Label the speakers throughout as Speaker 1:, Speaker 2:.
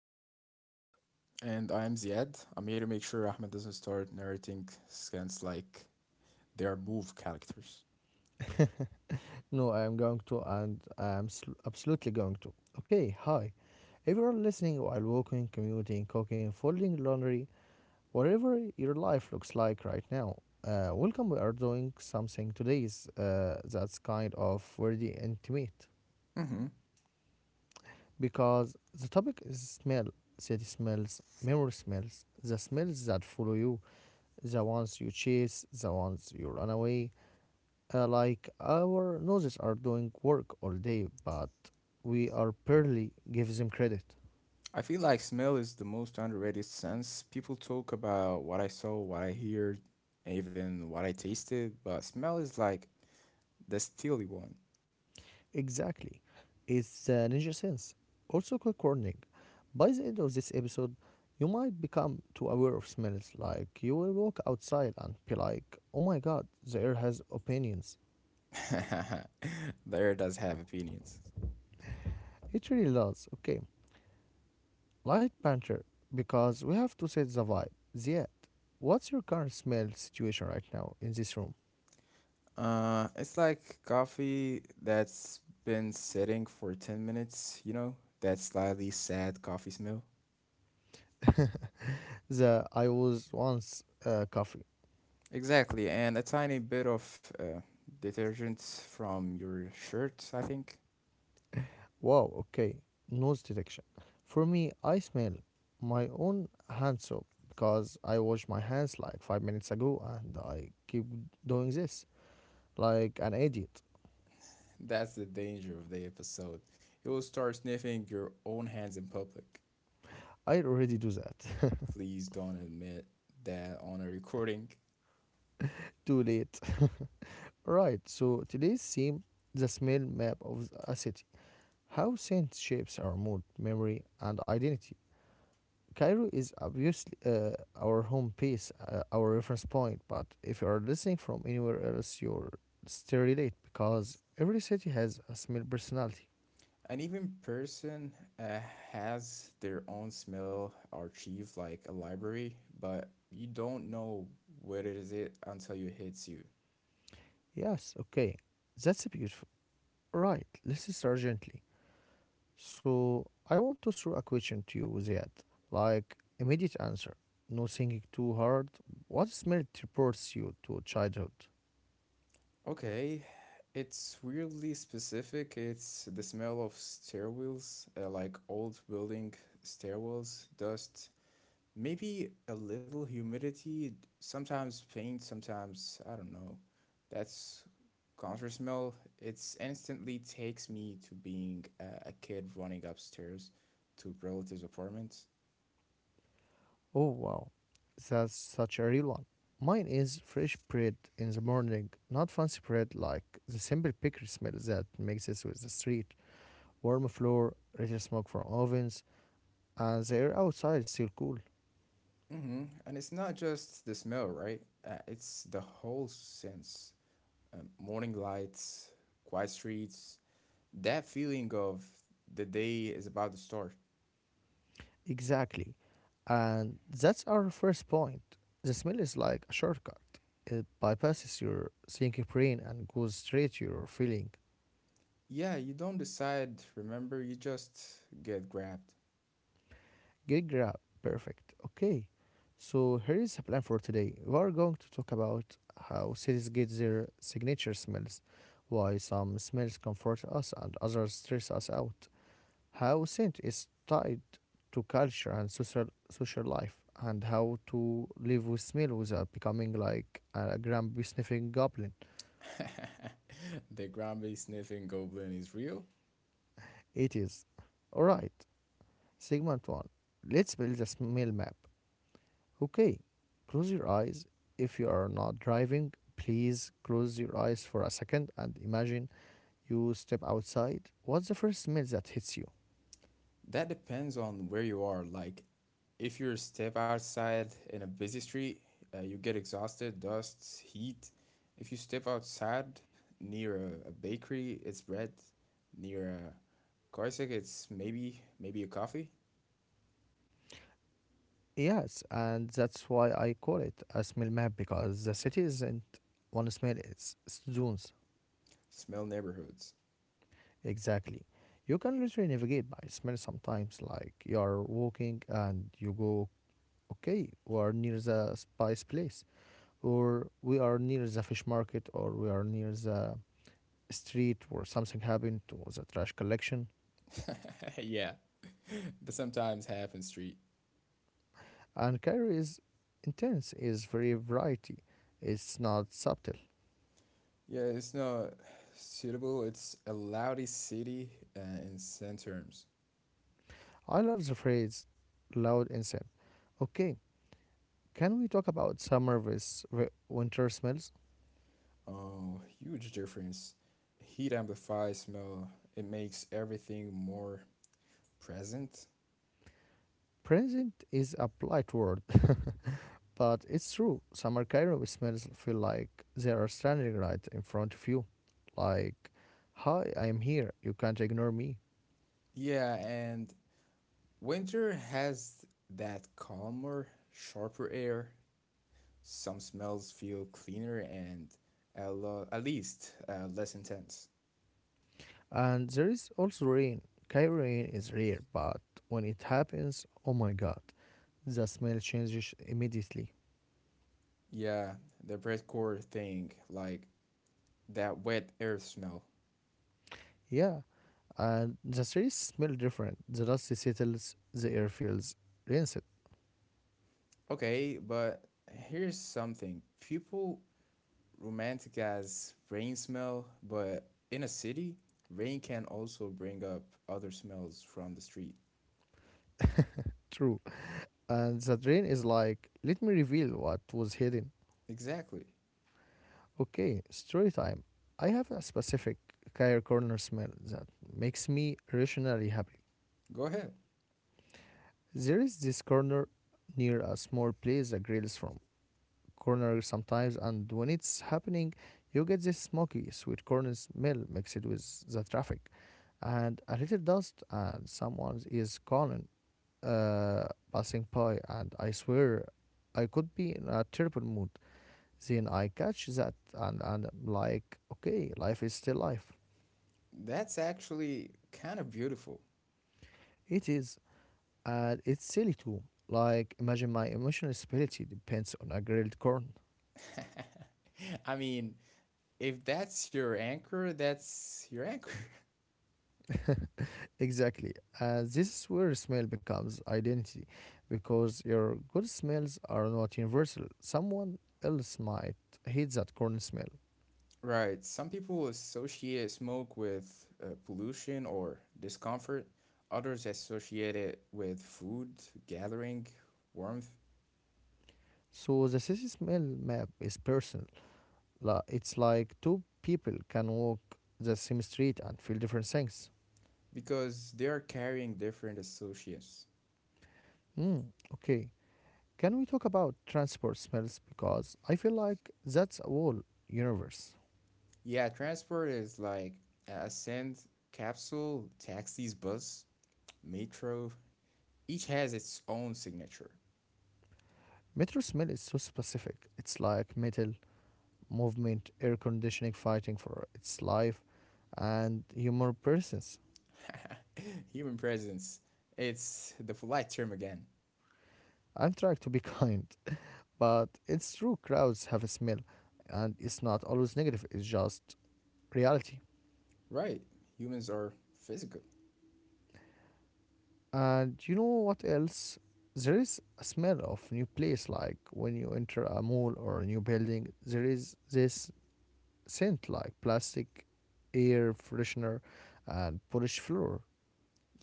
Speaker 1: and I am Ahmad.
Speaker 2: And I am Ziad. I'm here to make sure Ahmed doesn't start narrating scans like they are move characters.
Speaker 1: No, I am going to, and absolutely going to. Okay, hi. Everyone listening while walking, commuting, cooking, folding laundry, whatever your life looks like right now, welcome. We are doing something today's that's kind of very intimate
Speaker 2: Hmm.
Speaker 1: because the topic is smell, city smells, memory smells, the smells that follow you, the ones you chase, the ones you run away. Like our noses are doing work all day, but we are barely give them credit.
Speaker 2: I feel like smell is the most underrated sense. People talk about what I saw, what I heard, and even what I tasted, but smell is like the steely one.
Speaker 1: Exactly. It's ninja sense. Also, quick warning. By the end of this episode, you might become too aware of smells. Like you will walk outside and be like, "Oh my God, the air has opinions."
Speaker 2: The air does have opinions.
Speaker 1: It really does. Okay. Light banter, because we have to set the vibe. Ziad, what's your current smell situation right now in this room?
Speaker 2: It's like coffee that's been sitting for 10 minutes, that slightly sad coffee smell.
Speaker 1: The I was once coffee.
Speaker 2: Exactly, and a tiny bit of detergent from your shirt, I think.
Speaker 1: Wow, okay. Nose detection. For me, I smell my own hand soap because I washed my hands like 5 minutes ago and I keep doing this like an idiot.
Speaker 2: That's the danger of the episode. You will start sniffing your own hands in public.
Speaker 1: I already do that.
Speaker 2: Please don't admit that on a recording.
Speaker 1: Too late. Right, so today's theme, the smell map of a city. How scent shapes our mood, memory, and identity. Cairo is obviously our home base, our reference point, but if you are listening from anywhere else, you're still relate because every city has a small personality.
Speaker 2: An even person uh, has their own smell archive like a library, but you don't know where it is it until it hits you.
Speaker 1: Yes, okay, that's beautiful. Right, let's start gently. So, I want to throw a question to you, Ziad. Like, immediate answer. No thinking too hard. What smell teleports you to childhood?
Speaker 2: Okay, it's weirdly specific. It's the smell of stairwells, like old building stairwells, dust, maybe a little humidity, sometimes paint, sometimes I don't know. That's counter smell. It's instantly takes me to being a kid running upstairs to relatives' apartments.
Speaker 1: Oh wow, that's such a real one. Mine is fresh bread in the morning, not fancy bread like the simple bakery smell that mixes with the street. Warm floor, little smoke from ovens, and the air outside is still cool.
Speaker 2: Mm-hmm. And it's not just the smell, right? It's the whole sense. Morning lights, quiet streets, that feeling of the day is about to start.
Speaker 1: Exactly. And that's our first point. The smell is like a shortcut. It bypasses your thinking brain and goes straight to your feeling.
Speaker 2: Yeah, you don't decide, remember, you just get grabbed.
Speaker 1: Good grab. Perfect. Okay. So here is a plan for today. We are going to talk about how cities get their signature smells, why some smells comfort us and others stress us out, how scent is tied to culture and social life, and how to live with smell without becoming like a grumpy sniffing goblin.
Speaker 2: The Granby sniffing goblin is real?
Speaker 1: It is. Alright. Segment one. Let's build a smell map. Okay, close your eyes. If you are not driving, please close your eyes for a second and imagine you step outside. What's the first smell that hits you?
Speaker 2: That depends on where you are. Like, if you're a step outside in a busy street, you get exhausted, dust, heat. If you step outside near a bakery, it's bread. Near a car sick, it's maybe a coffee.
Speaker 1: Yes, and that's why I call it a smell map because the city isn't one smell, it's zones.
Speaker 2: Smell neighborhoods.
Speaker 1: Exactly. You can literally navigate by smell sometimes, like you're walking and you go, okay, we're near the spice place, or we are near the fish market, or we are near the street where something happened to the trash collection.
Speaker 2: Yeah. But sometimes half in street.
Speaker 1: And Cairo is intense, is very variety. It's not subtle.
Speaker 2: Yeah, it's not suitable. It's a loudy city uh, in sense terms.
Speaker 1: I love the phrase loud and said. Okay, can we talk about summer versus winter smells?
Speaker 2: Oh, huge difference. Heat amplifies smell. It makes everything more present.
Speaker 1: Present is a polite word, but it's true. Summer Cairo smells feel like they are standing right in front of you. Like, hi, I am here. You can't ignore me.
Speaker 2: Yeah, and winter has that calmer, sharper air. Some smells feel cleaner and at least less intense.
Speaker 1: And there is also rain. Cairo rain is rare, but when it happens, oh my god, the smell changes immediately.
Speaker 2: Yeah, the bread core thing, like that wet earth smell.
Speaker 1: Yeah, and the streets smell different. The dust settles, the air feels rinsed.
Speaker 2: Okay, but here's something. People romanticize rain smell, but in a city, rain can also bring up other smells from the street.
Speaker 1: True. And the rain is like, let me reveal what was hidden.
Speaker 2: Exactly.
Speaker 1: Okay, story time. I have a specific Cairo corner smell that makes me rationally happy.
Speaker 2: Go ahead.
Speaker 1: There is this corner near a small place that grills from corner sometimes. And when it's happening, you get this smoky, sweet corn smell mixed with the traffic and a little dust. And someone is calling, uh, passing by. And I swear I could be in a terrible mood. Then I catch that and I'm like, okay, life is still life.
Speaker 2: That's actually kind of beautiful.
Speaker 1: It is. And it's silly too. Like, imagine my emotional stability depends on a grilled corn.
Speaker 2: I mean, if that's your anchor, that's your anchor.
Speaker 1: Exactly. This is where smell becomes identity because your good smells are not universal. Someone else might hate that corn smell.
Speaker 2: Right. Some people associate smoke with pollution or discomfort. Others associate it with food, gathering, warmth,
Speaker 1: So the city smell map is personal. La- It's like two people can walk the same street and feel different things.
Speaker 2: because they are carrying different associates.
Speaker 1: Hmm. Okay. Can we talk about transport smells? Because I feel like that's a whole universe.
Speaker 2: Yeah, transport is like a send capsule, taxis, bus, metro. Each has its own signature.
Speaker 1: Metro smell is so specific. It's like metal, movement, air conditioning, fighting for its life, and humor persons.
Speaker 2: Human presence. It's the polite term again.
Speaker 1: I'm trying to be kind, but it's true, crowds have a smell, and it's not always negative, it's just reality.
Speaker 2: Right. Humans are physical.
Speaker 1: And you know what else? There is a smell of new place, like when you enter a mall or a new building, there is this scent like plastic, air freshener, and polished floor.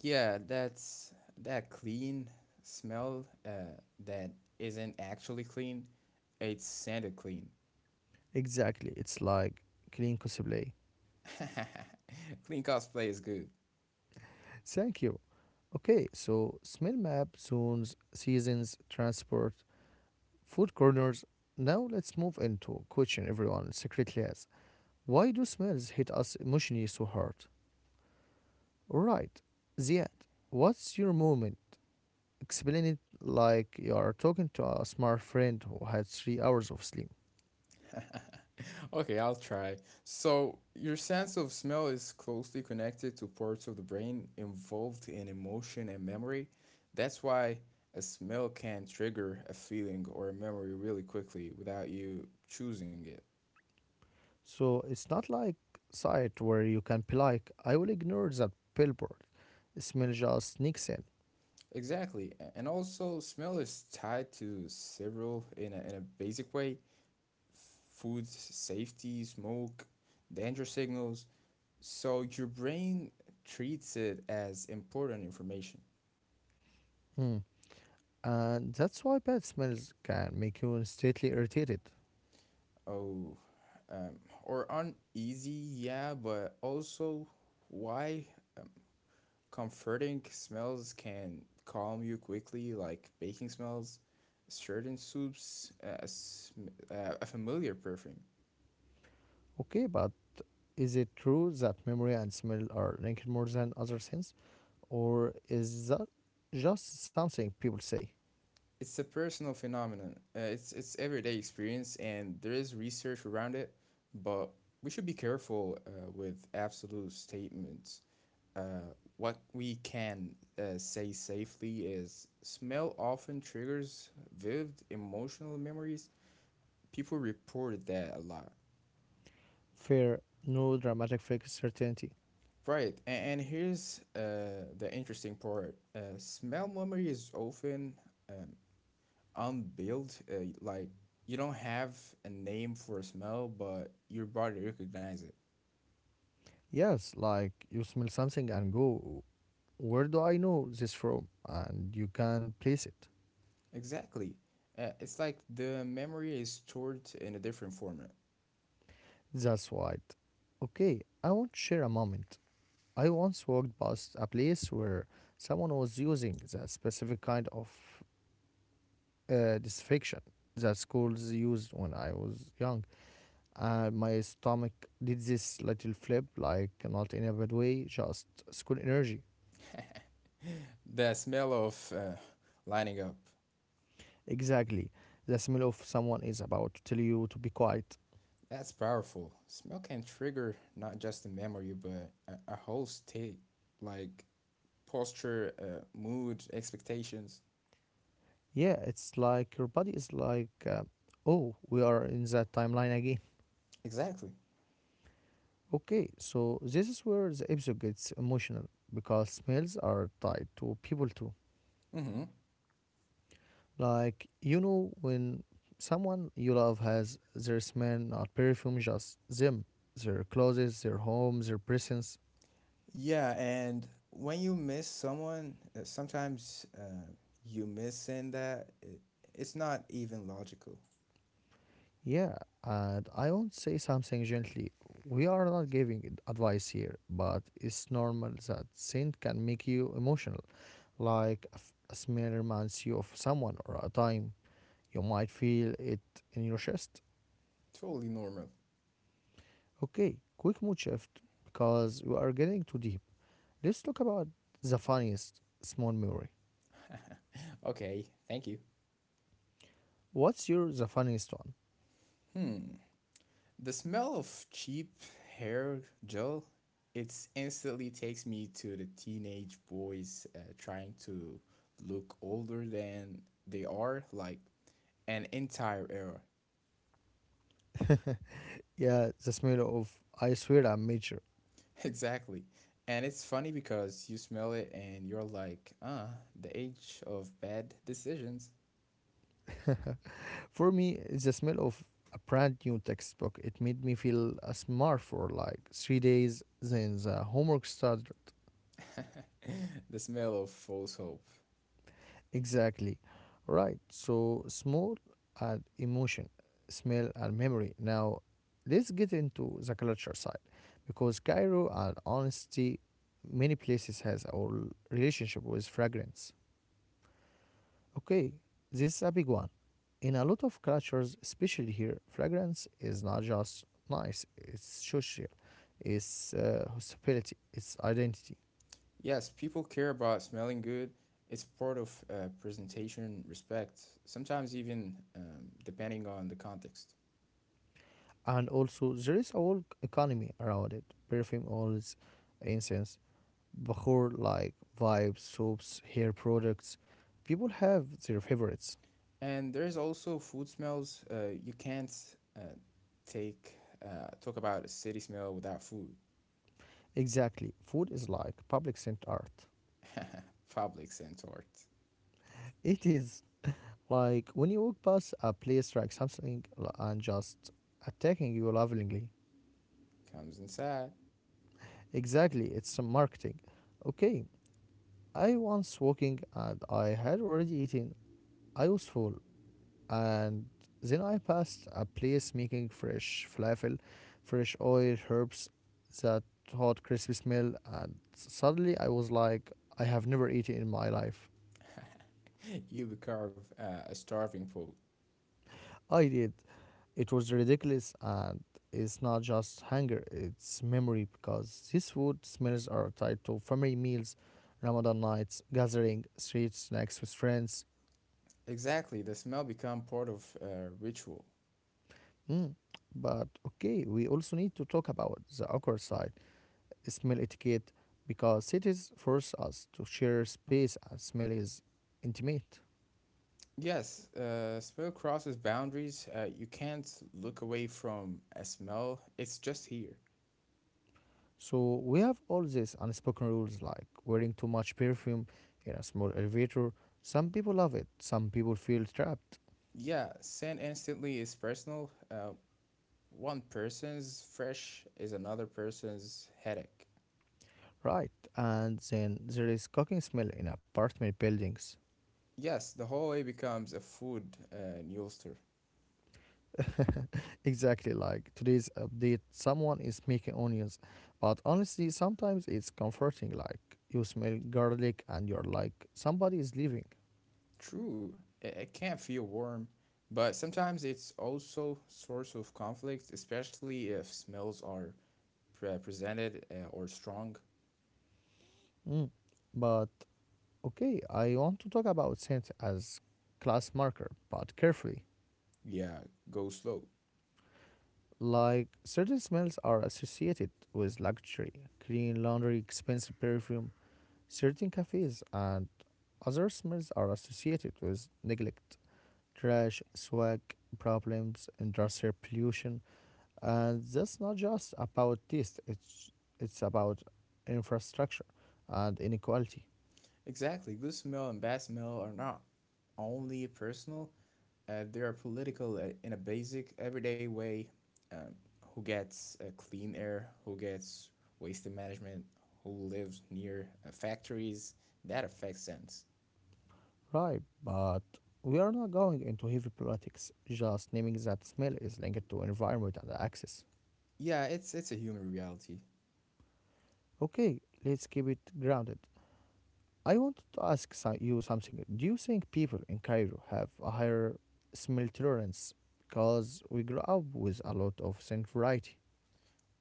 Speaker 2: Yeah, that's that clean smell that isn't actually clean. It's Santa clean.
Speaker 1: Exactly, it's like clean Kosovo.
Speaker 2: Clean cosplay is good.
Speaker 1: Thank you. Okay, so smell map, zones, seasons, transport, food corners. Now let's move into question everyone secretly has. Why do smells hit us emotionally so hard? Alright, Ziad, what's your moment? Explain it like you are talking to a smart friend who had 3 hours of sleep.
Speaker 2: Okay, I'll try. So, your sense of smell is closely connected to parts of the brain involved in emotion and memory. That's why a smell can trigger a feeling or a memory really quickly without you choosing it.
Speaker 1: So it's not like sight where you can be like, I will ignore that billboard. Smell just sneaks in.
Speaker 2: Exactly. And also, smell is tied to several in a basic way: food safety, smoke, danger signals. So, your brain treats it as important information.
Speaker 1: Hmm. And that's why bad smells can make you instantly irritated.
Speaker 2: Oh, or uneasy, yeah, but also why um, comforting smells can calm you quickly, like baking smells, certain soups, a familiar perfume.
Speaker 1: Okay, but is it true that memory and smell are linked more than other things? Or is that just something people say?
Speaker 2: It's a personal phenomenon. It's everyday experience, and there is research around it, but we should be careful with absolute statements. Uh, what we can say safely is smell often triggers vivid emotional memories. People report that a lot.
Speaker 1: Fair, no dramatic fake certainty.
Speaker 2: Right, and here's the interesting part. Smell memory is often um, unbuilt. Like you don't have a name for a smell, but your body recognizes it.
Speaker 1: Yes, like you smell something and go, where do I know this from? And you can place it.
Speaker 2: Exactly. It's like the memory is stored in a different format.
Speaker 1: That's right. Okay, I want to share a moment. I once walked past a place where someone was using that specific kind of disfection that schools used when I was young. My stomach did this little flip, like not in a bad way, just school energy.
Speaker 2: The smell of lining up.
Speaker 1: Exactly. The smell of someone is about to tell you to be quiet.
Speaker 2: That's powerful. Smell can trigger not just a memory, but a whole state, like posture, mood, expectations.
Speaker 1: Yeah, it's like your body is like, oh, we are in that timeline again.
Speaker 2: Exactly.
Speaker 1: Okay, so this is where the episode gets emotional because smells are tied to people too.
Speaker 2: Mm-hmm.
Speaker 1: Like, you know, when someone you love has their smell, not perfume, just them, their clothes, their home, their presence.
Speaker 2: Yeah, and when you miss someone, sometimes you miss saying that. It's not even logical.
Speaker 1: Yeah, and I won't say something gently. We are not giving advice here, but it's normal that scent can make you emotional. Like, a smell reminds you of someone or a time. You might feel it in your chest.
Speaker 2: Totally normal.
Speaker 1: Okay, quick mood shift because we are getting too deep. Let's talk about the funniest small memory.
Speaker 2: Okay, thank you.
Speaker 1: What's your the funniest one?
Speaker 2: Hmm. The smell of cheap hair gel, it instantly takes me to the teenage boys trying to look older than they are, like an entire era.
Speaker 1: Yeah, the smell of I swear I'm major.
Speaker 2: Exactly. And it's funny because you smell it and you're like, ah, the age of bad decisions.
Speaker 1: For me, it's the smell of a brand new textbook. It made me feel a smart for like 3 days. Then the homework started.
Speaker 2: The smell of false hope.
Speaker 1: Exactly. Right. So smell and emotion, smell and memory. Now let's get into the culture side. Because Cairo and honesty, many places has our relationship with fragrance. Okay, this is a big one. In a lot of cultures, especially here, fragrance is not just nice, it's social, it's hospitality, it's identity.
Speaker 2: Yes, people care about smelling good. It's part of presentation respect, sometimes even depending on the context.
Speaker 1: And also, there is a whole economy around it, perfume oils, incense, bahur like vibes, soaps, hair products. People have their favorites.
Speaker 2: And there's also food smells. You can't uh, take talk about a city smell without food.
Speaker 1: Exactly, food is like public scent art.
Speaker 2: Public scent art
Speaker 1: It is. Like when you walk past a place like something and just attacking you lovingly.
Speaker 2: comes inside.
Speaker 1: Exactly, it's some marketing. Okay, I once walking and I had already eaten. I was full and then I passed a place making fresh falafel, fresh oil, herbs, that hot crispy smell and suddenly I was like I have never eaten in my life.
Speaker 2: You carve a starving pole.
Speaker 1: I did. It was ridiculous, and it's not just hunger, it's memory because these food smells are tied to family meals, Ramadan nights, gathering, street snacks with friends.
Speaker 2: Exactly, the smell become part of ritual.
Speaker 1: Mm. But okay, we also need to talk about the awkward side, smell etiquette, because cities force us to share space and smell is intimate.
Speaker 2: Yes, smell crosses boundaries. You can't look away from a smell. It's just here.
Speaker 1: So we have all these unspoken rules like wearing too much perfume in a small elevator. Some people love it, some people feel trapped.
Speaker 2: Yeah, scent instantly is personal. One person's fresh is another person's headache.
Speaker 1: Right, and then there is cooking smell in apartment buildings.
Speaker 2: Yes, the hallway becomes a food newster.
Speaker 1: Exactly like today's update, someone is making onions. But honestly, sometimes it's comforting, like you smell garlic and you're like, somebody is leaving.
Speaker 2: True, it can feel warm, but sometimes it's also source of conflict, especially if smells are presented or strong.
Speaker 1: Mm. But okay, I want to talk about scent as class marker, but carefully.
Speaker 2: Yeah, go slow.
Speaker 1: Like certain smells are associated with luxury, clean laundry, expensive perfume, certain cafes, and other smells are associated with neglect, trash, swag problems, industrial pollution, and that's not just about taste, it's about infrastructure and inequality.
Speaker 2: Exactly, good smell and bad smell are not only personal; they are political in a basic, everyday way. Um, who gets clean air? Who gets waste management? Who lives near factories? That affects sense.
Speaker 1: Right, but we are not going into heavy politics, just naming that smell is linked to environment and access.
Speaker 2: Yeah, it's a human reality.
Speaker 1: Okay, let's keep it grounded. I wanted to ask you something. Do you think people in Cairo have a higher smell tolerance because we grew up with a lot of scent variety?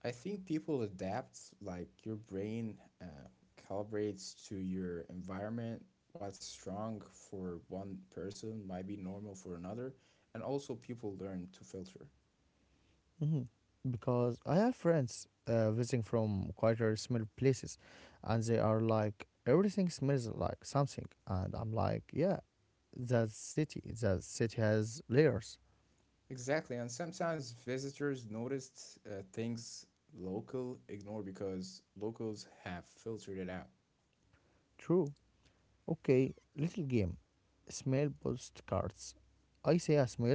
Speaker 2: I think people adapt, like your brain uh, calibrates to your environment. What's strong for one person might be normal for another, and also people learn to filter.
Speaker 1: Mhm. Because I have friends visiting from quieter smell places, and they are like, everything smells like something, and I'm like, yeah, that city has layers.
Speaker 2: Exactly, and sometimes visitors noticed things local ignore because locals have filtered it out.
Speaker 1: True. Okay, little game. Smell postcards. I say a smell,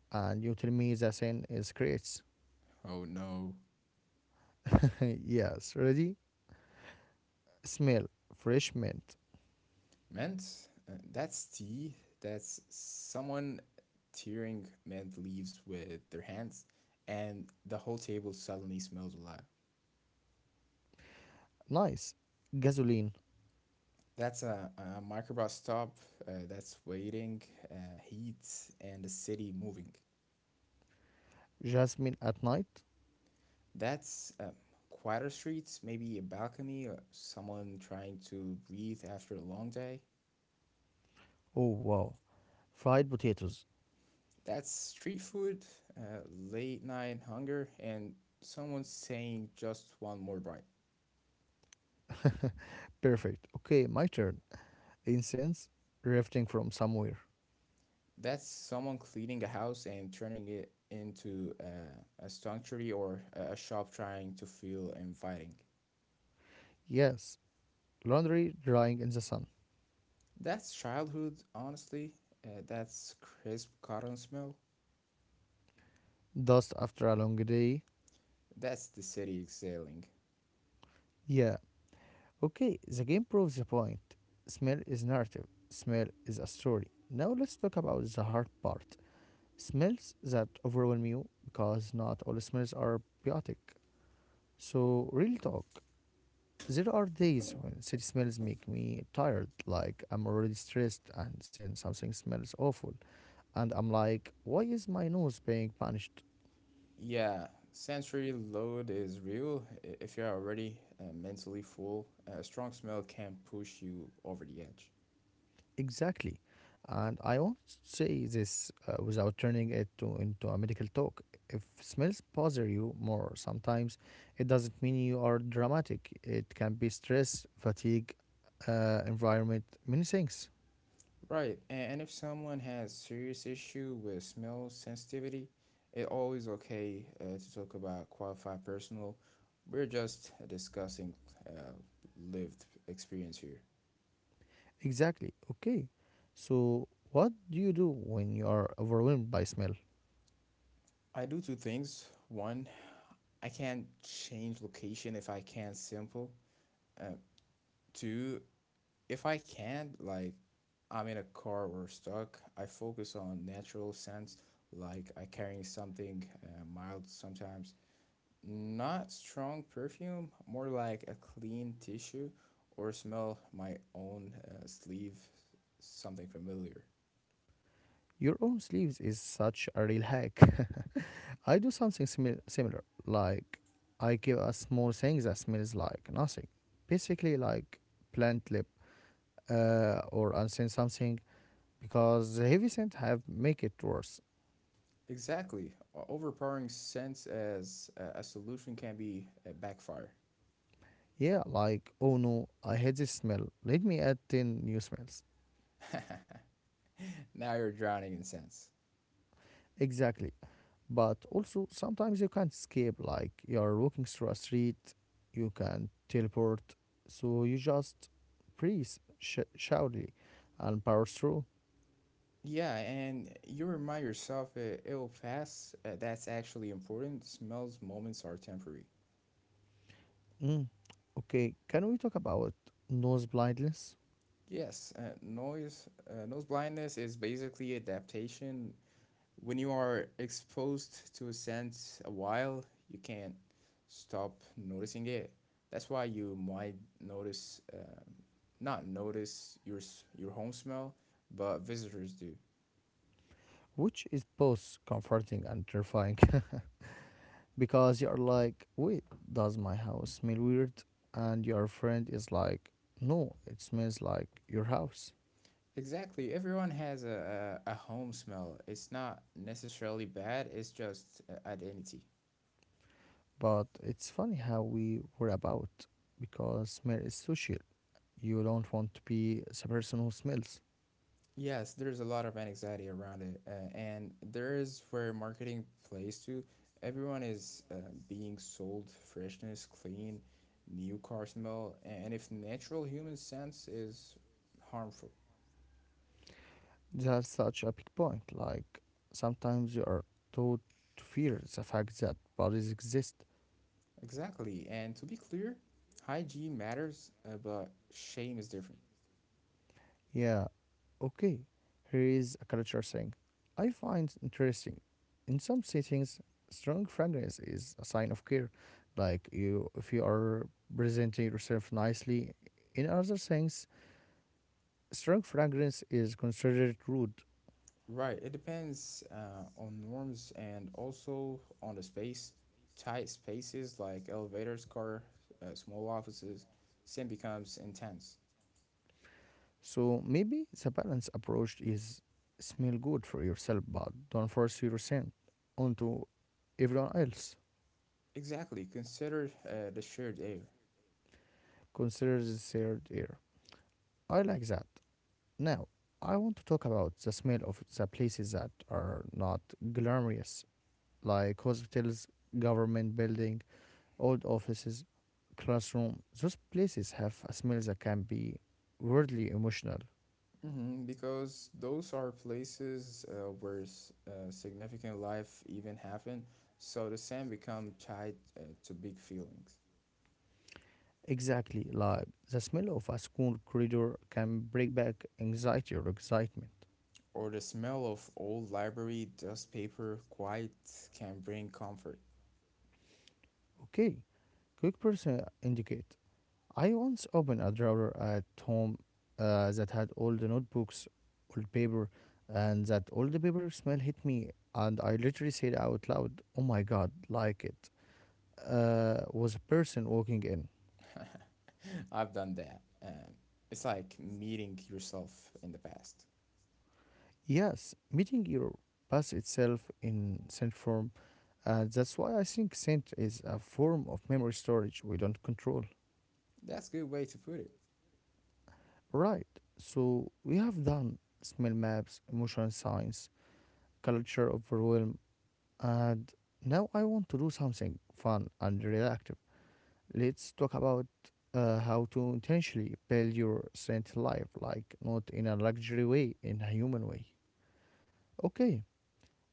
Speaker 1: and you tell me the scent is creates.
Speaker 2: Oh no.
Speaker 1: Yes, ready? Smell, fresh mint,
Speaker 2: Mint? That's tea. That's someone tearing mint leaves with their hands, and the whole table suddenly smells alive.
Speaker 1: nice. Gasoline,
Speaker 2: That's a microbus stop that's waiting, uh, heat, and the city moving.
Speaker 1: jasmine at night.
Speaker 2: That's quieter streets, maybe a balcony, or someone trying to breathe after a long day.
Speaker 1: Oh wow, fried potatoes,
Speaker 2: That's street food, uh, late night hunger, and someone saying just one more bite.
Speaker 1: perfect. Okay, my turn. Incense, drifting from somewhere.
Speaker 2: That's someone cleaning a house and turning it into a sanctuary or a shop trying to feel inviting.
Speaker 1: Yes, laundry drying in the sun.
Speaker 2: That's childhood, honestly. That's crisp cotton smell.
Speaker 1: Dust after a long day.
Speaker 2: That's the city exhaling.
Speaker 1: Yeah, okay, the game proves the point. Smell is narrative, smell is a story. Now let's talk about the hard part, smells that overwhelm you because not all smells are biotic. So, real talk, there are days when city smells make me tired, like I'm already stressed and then something smells awful. And I'm like, why is my nose being punished?
Speaker 2: Yeah, sensory load is real. If you're already mentally full, a strong smell can push you over the edge.
Speaker 1: Exactly. And I won't say this without turning it to, into a medical talk. If smells bother you more sometimes, it doesn't mean you are dramatic. It can be stress, fatigue, environment, many things.
Speaker 2: Right, and if someone has serious issue with smell sensitivity, it's always okay to talk about qualified personal. We're just discussing uh, lived experience here.
Speaker 1: Exactly. Okay. So, what do you do when you are overwhelmed by smell?
Speaker 2: I do two things. One, I can't change location if I can't simple. Uh, Two, if I can't, like I'm in a car or stuck, I focus on natural sense, like I carrying something mild sometimes. Not strong perfume, more like a clean tissue or smell my own sleeve, something familiar.
Speaker 1: Your own sleeves is such a real hack. I do something similar. Like, I give a small thing that smells like nothing. Basically, like plant lip or unseen something because the heavy scent have make it worse.
Speaker 2: Exactly. Overpowering scents as a solution can be a backfire.
Speaker 1: Yeah, like, oh no, I hate this smell. Let me add 10 new smells.
Speaker 2: Now you're drowning in scents.
Speaker 1: Exactly. But also, sometimes you can't escape. Like you're walking through a street, you can teleport. So you just breathe shoutly and power through.
Speaker 2: Yeah, and you remind yourself it will pass. That's actually important. Smells moments are temporary.
Speaker 1: Mm. Okay, can we talk about nose blindness?
Speaker 2: Yes, nose blindness is basically adaptation. When you are exposed to a scent a while, you can't stop noticing it. That's why you might notice, not notice your your home smell, but visitors do.
Speaker 1: Which is both comforting and terrifying because you're like, wait, does my house smell weird? And your friend is like, no, it smells like your house.
Speaker 2: Exactly. Everyone has a home smell. It's not necessarily bad. It's just identity.
Speaker 1: But it's funny how we were about because smell is social. You don't want to be the person who smells.
Speaker 2: Yes, there's a lot of anxiety around it, and there is where marketing plays to. Everyone is being sold freshness, clean, new car smell, and if natural human sense is harmful.
Speaker 1: That's such a big point. Like sometimes you are taught to fear the fact that bodies exist.
Speaker 2: Exactly, and to be clear, hygiene matters, but shame is different.
Speaker 1: Yeah, okay. Here is a culture thing. I find interesting. In some settings, strong fragrance is a sign of care. Like you, if you are presenting yourself nicely. In other things, strong fragrance is considered rude.
Speaker 2: Right, it depends on norms and also on the space. Tight spaces like elevators, car, small offices, sin becomes intense.
Speaker 1: So maybe the balanced approach is smell good for yourself, but don't force your scent onto everyone else.
Speaker 2: Exactly. Consider the shared air.
Speaker 1: Consider the third ear. I like that. Now, I want to talk about the smell of the places that are not glamorous, like hospitals, government building, old offices, classroom. Those places have a smell that can be weirdly emotional.
Speaker 2: Hmm. Because those are places where significant life even happen. So the sand become tied to big feelings.
Speaker 1: Exactly, like the smell of a school corridor can break back anxiety or excitement.
Speaker 2: Or the smell of old library dust paper quite can bring comfort.
Speaker 1: Okay, quick person indicate. I once opened a drawer at home that had all the notebooks, old paper, and that old paper smell hit me, and I literally said out loud, "Oh my God, like it." Was a person walking in.
Speaker 2: I've done that. It's like meeting yourself in the past.
Speaker 1: Yes, meeting your past itself in sense form. That's why I think scent is a form of memory storage we don't control.
Speaker 2: That's a good way to put it.
Speaker 1: Right, so we have done smell maps, emotion science, culture overwhelm, and now I want to do something fun and reactive. Let's talk about how to intentionally build your scent life, like not in a luxury way, in a human way. Okay,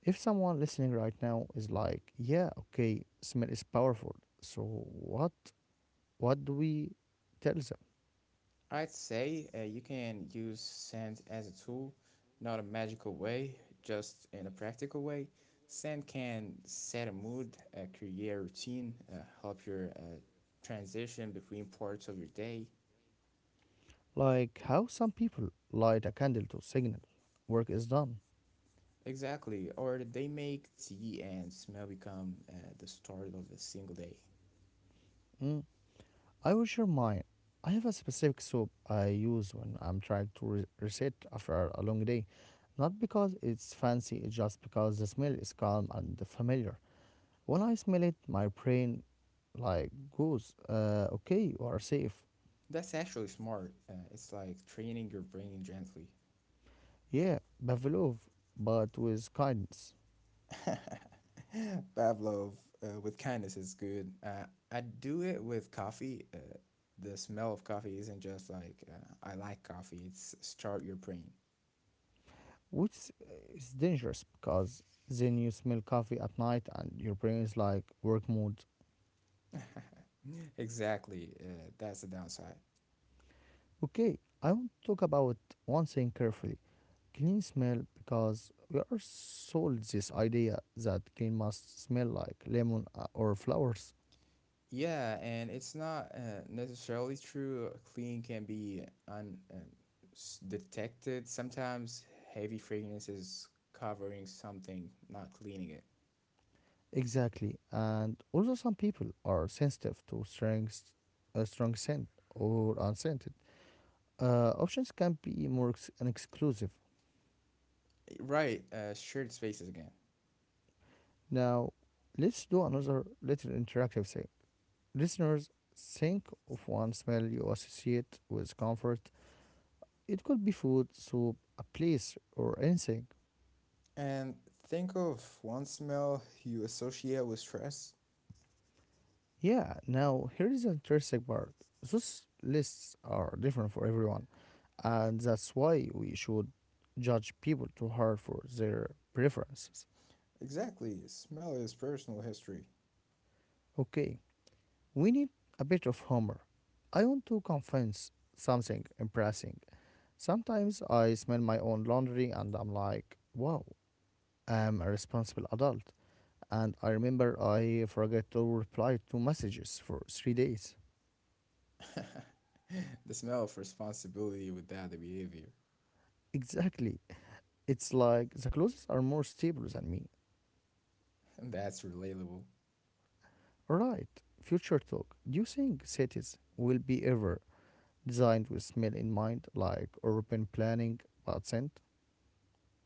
Speaker 1: if someone listening right now is like, yeah, okay, smell is powerful, so what? What do we tell them?
Speaker 2: I'd say you can use sand as a tool, not a magical way, just in a practical way. Sand can set a mood, create a routine, help your transition between parts of your day.
Speaker 1: Like how some people light a candle to signal work is done.
Speaker 2: Exactly, or they make tea and smell become the start of a single day.
Speaker 1: Mm. I wash your mind. I have a specific soap I use when I'm trying to reset after a long day. Not because it's fancy, it's just because the smell is calm and familiar. When I smell it, my brain like goes, okay, you are safe.
Speaker 2: That's actually smart. It's like training your brain gently.
Speaker 1: Yeah, Pavlov, but with kindness,
Speaker 2: Pavlov with kindness is good. I do it with coffee. The smell of coffee isn't just like I like coffee. It's start your brain.
Speaker 1: which is dangerous because then you smell coffee at night and your brain is like work mode.
Speaker 2: Exactly. That's the downside.
Speaker 1: Okay, I want to talk about one thing carefully, clean smell because we are sold this idea that clean must smell like lemon or flowers.
Speaker 2: Yeah, and it's not necessarily true. Clean can be un uh, detected. Sometimes heavy fragrances covering something, not cleaning it.
Speaker 1: Exactly, and also some people are sensitive to strong, a strong scent or unscented. Options can be more ex- and exclusive.
Speaker 2: Right. Shared spaces again.
Speaker 1: Now, let's do another little interactive thing. Listeners, think of one smell you associate with comfort. It could be food, soup, a place, or anything.
Speaker 2: And think of one smell you associate with stress.
Speaker 1: Yeah, now here is the interesting part. Those lists are different for everyone, and that's why we should judge people too hard for their preferences.
Speaker 2: Exactly, smell is personal history.
Speaker 1: Okay, we need a bit of humor. I want to confess something embarrassing. Sometimes I smell my own laundry and I'm like, wow, I'm a responsible adult. And I remember I forget to reply to messages for 3 days.
Speaker 2: The smell of responsibility without the behavior.
Speaker 1: Exactly. It's like the clothes are more stable than me.
Speaker 2: That's relatable.
Speaker 1: Right. Future talk. Do you think cities will be ever designed with smell in mind, like urban planning but scent?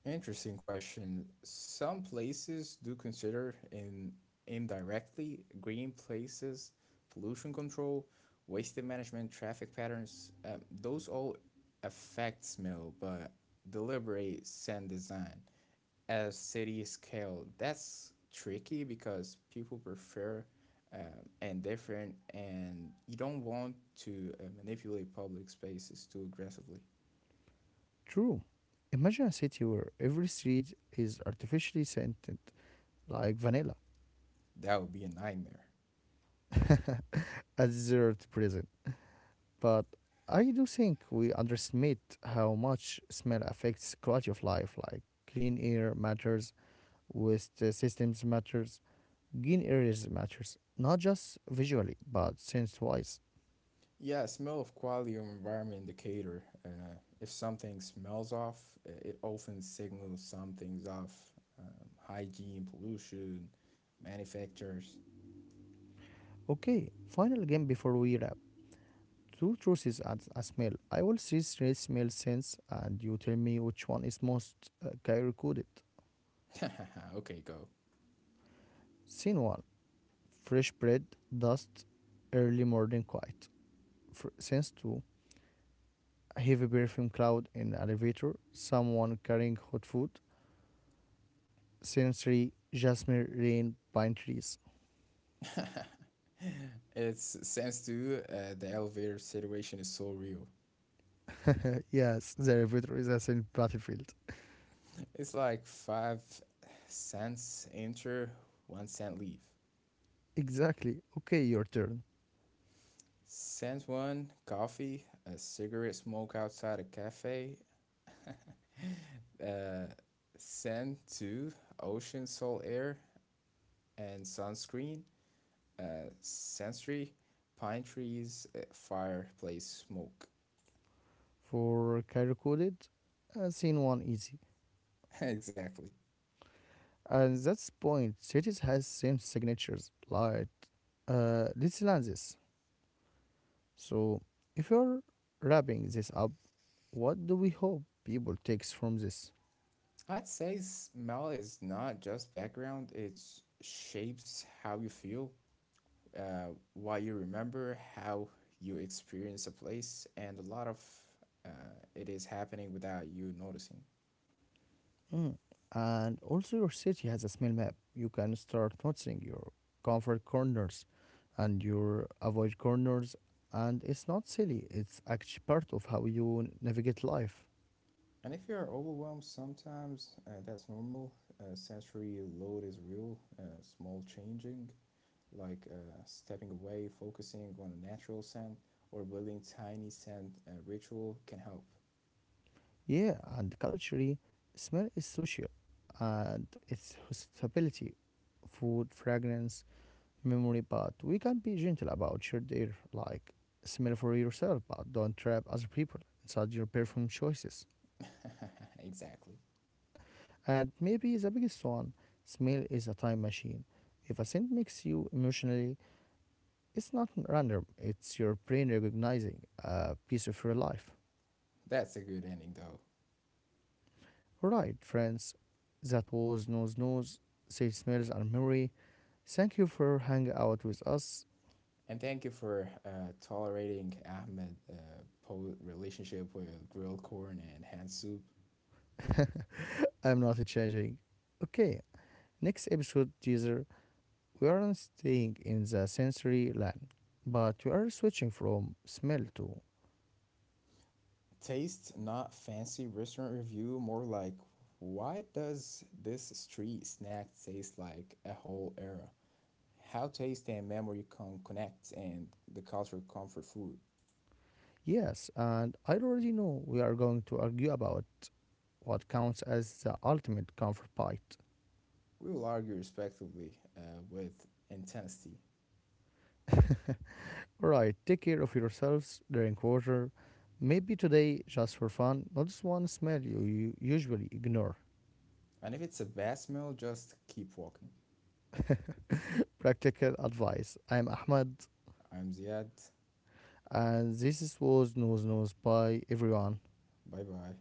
Speaker 2: Interesting question. Some places do consider in indirectly green places, pollution control, waste management, traffic patterns. Those all affect smell, but deliberate scent design. A city scale. That's tricky because people prefer and different, and you don't want to manipulate public spaces too aggressively.
Speaker 1: True. Imagine a city where every street is artificially scented like vanilla,
Speaker 2: That would be a nightmare.
Speaker 1: a dessert present. But I do think we underestimate how much smell affects quality of life, like clean air matters, waste systems matters, gain areas matters, not just visually, but sense-wise.
Speaker 2: Yeah, smell of quality of environment indicator. If something smells off, it often signals something's off. Hygiene, pollution, manufacturers.
Speaker 1: Okay, final game before we wrap. Two truces and a smell. I will see three smell scents, and you tell me which one is most coded.
Speaker 2: Okay, go.
Speaker 1: Scene 1. Fresh bread, dust, early morning quiet. Sense 2. A heavy perfume cloud in an elevator, someone carrying hot food. Scene 3. Jasmine, rain, pine trees.
Speaker 2: It seems to the elevator situation is so real.
Speaker 1: Yes, the elevator is a scent battlefield.
Speaker 2: It's like 5 cents enter, 1 cent leave.
Speaker 1: Exactly. Okay, your turn.
Speaker 2: Cent one coffee, a cigarette smoke outside a cafe. Uh, Cent two ocean, salt air, and sunscreen. Cent three pine trees, fireplace smoke.
Speaker 1: For carrier coded. Scene one easy.
Speaker 2: Exactly.
Speaker 1: And that's point. Cities has same signatures. Like let's learn this. So if you're wrapping this up, what do we hope people takes from this?
Speaker 2: I'd say smell is not just background, it shapes how you feel, uh, what you remember, how you experience a place, and a lot of uh, it is happening without you noticing.
Speaker 1: Mm. And also your city has a smell map. You can start noticing your comfort corners and your avoid corners, and it's not silly, it's actually part of how you navigate life.
Speaker 2: And if you're overwhelmed sometimes, that's normal. Sensory load is real. Small changing, like stepping away, focusing on a natural scent, or building tiny scent ritual can help.
Speaker 1: Yeah, and culturally, smell is social, and it's hospitality, food, fragrance, memory. But we can be gentle about shared air, like smell for yourself, but don't trap other people inside your perfume choices.
Speaker 2: Exactly.
Speaker 1: And maybe the biggest one, smell is a time machine. If a scent makes you emotionally, it's not random. It's your brain recognizing a piece of your life.
Speaker 2: That's a good ending, though.
Speaker 1: All right, friends, that was nose nose. Say smells and memory. Thank you for hanging out with us.
Speaker 2: And thank you for tolerating Ahmed relationship with grilled corn and hand soup.
Speaker 1: I'm not changing. Okay, next episode teaser. We aren't staying in the sensory land, but we are switching from smell to
Speaker 2: Taste not fancy restaurant review, more like why does this street snack taste like a whole era? How taste and memory can connect and the cultural comfort food.
Speaker 1: yes. And I already know we are going to argue about what counts as the ultimate comfort bite.
Speaker 2: We will argue respectively with intensity.
Speaker 1: Alright, take care of yourselves, drink water. Maybe today, just for fun, notice one smell you usually ignore.
Speaker 2: And if it's a bad smell, just keep walking.
Speaker 1: Practical advice. I'm Ahmed.
Speaker 2: I'm Ziad.
Speaker 1: And this was known, known by everyone.
Speaker 2: Bye bye.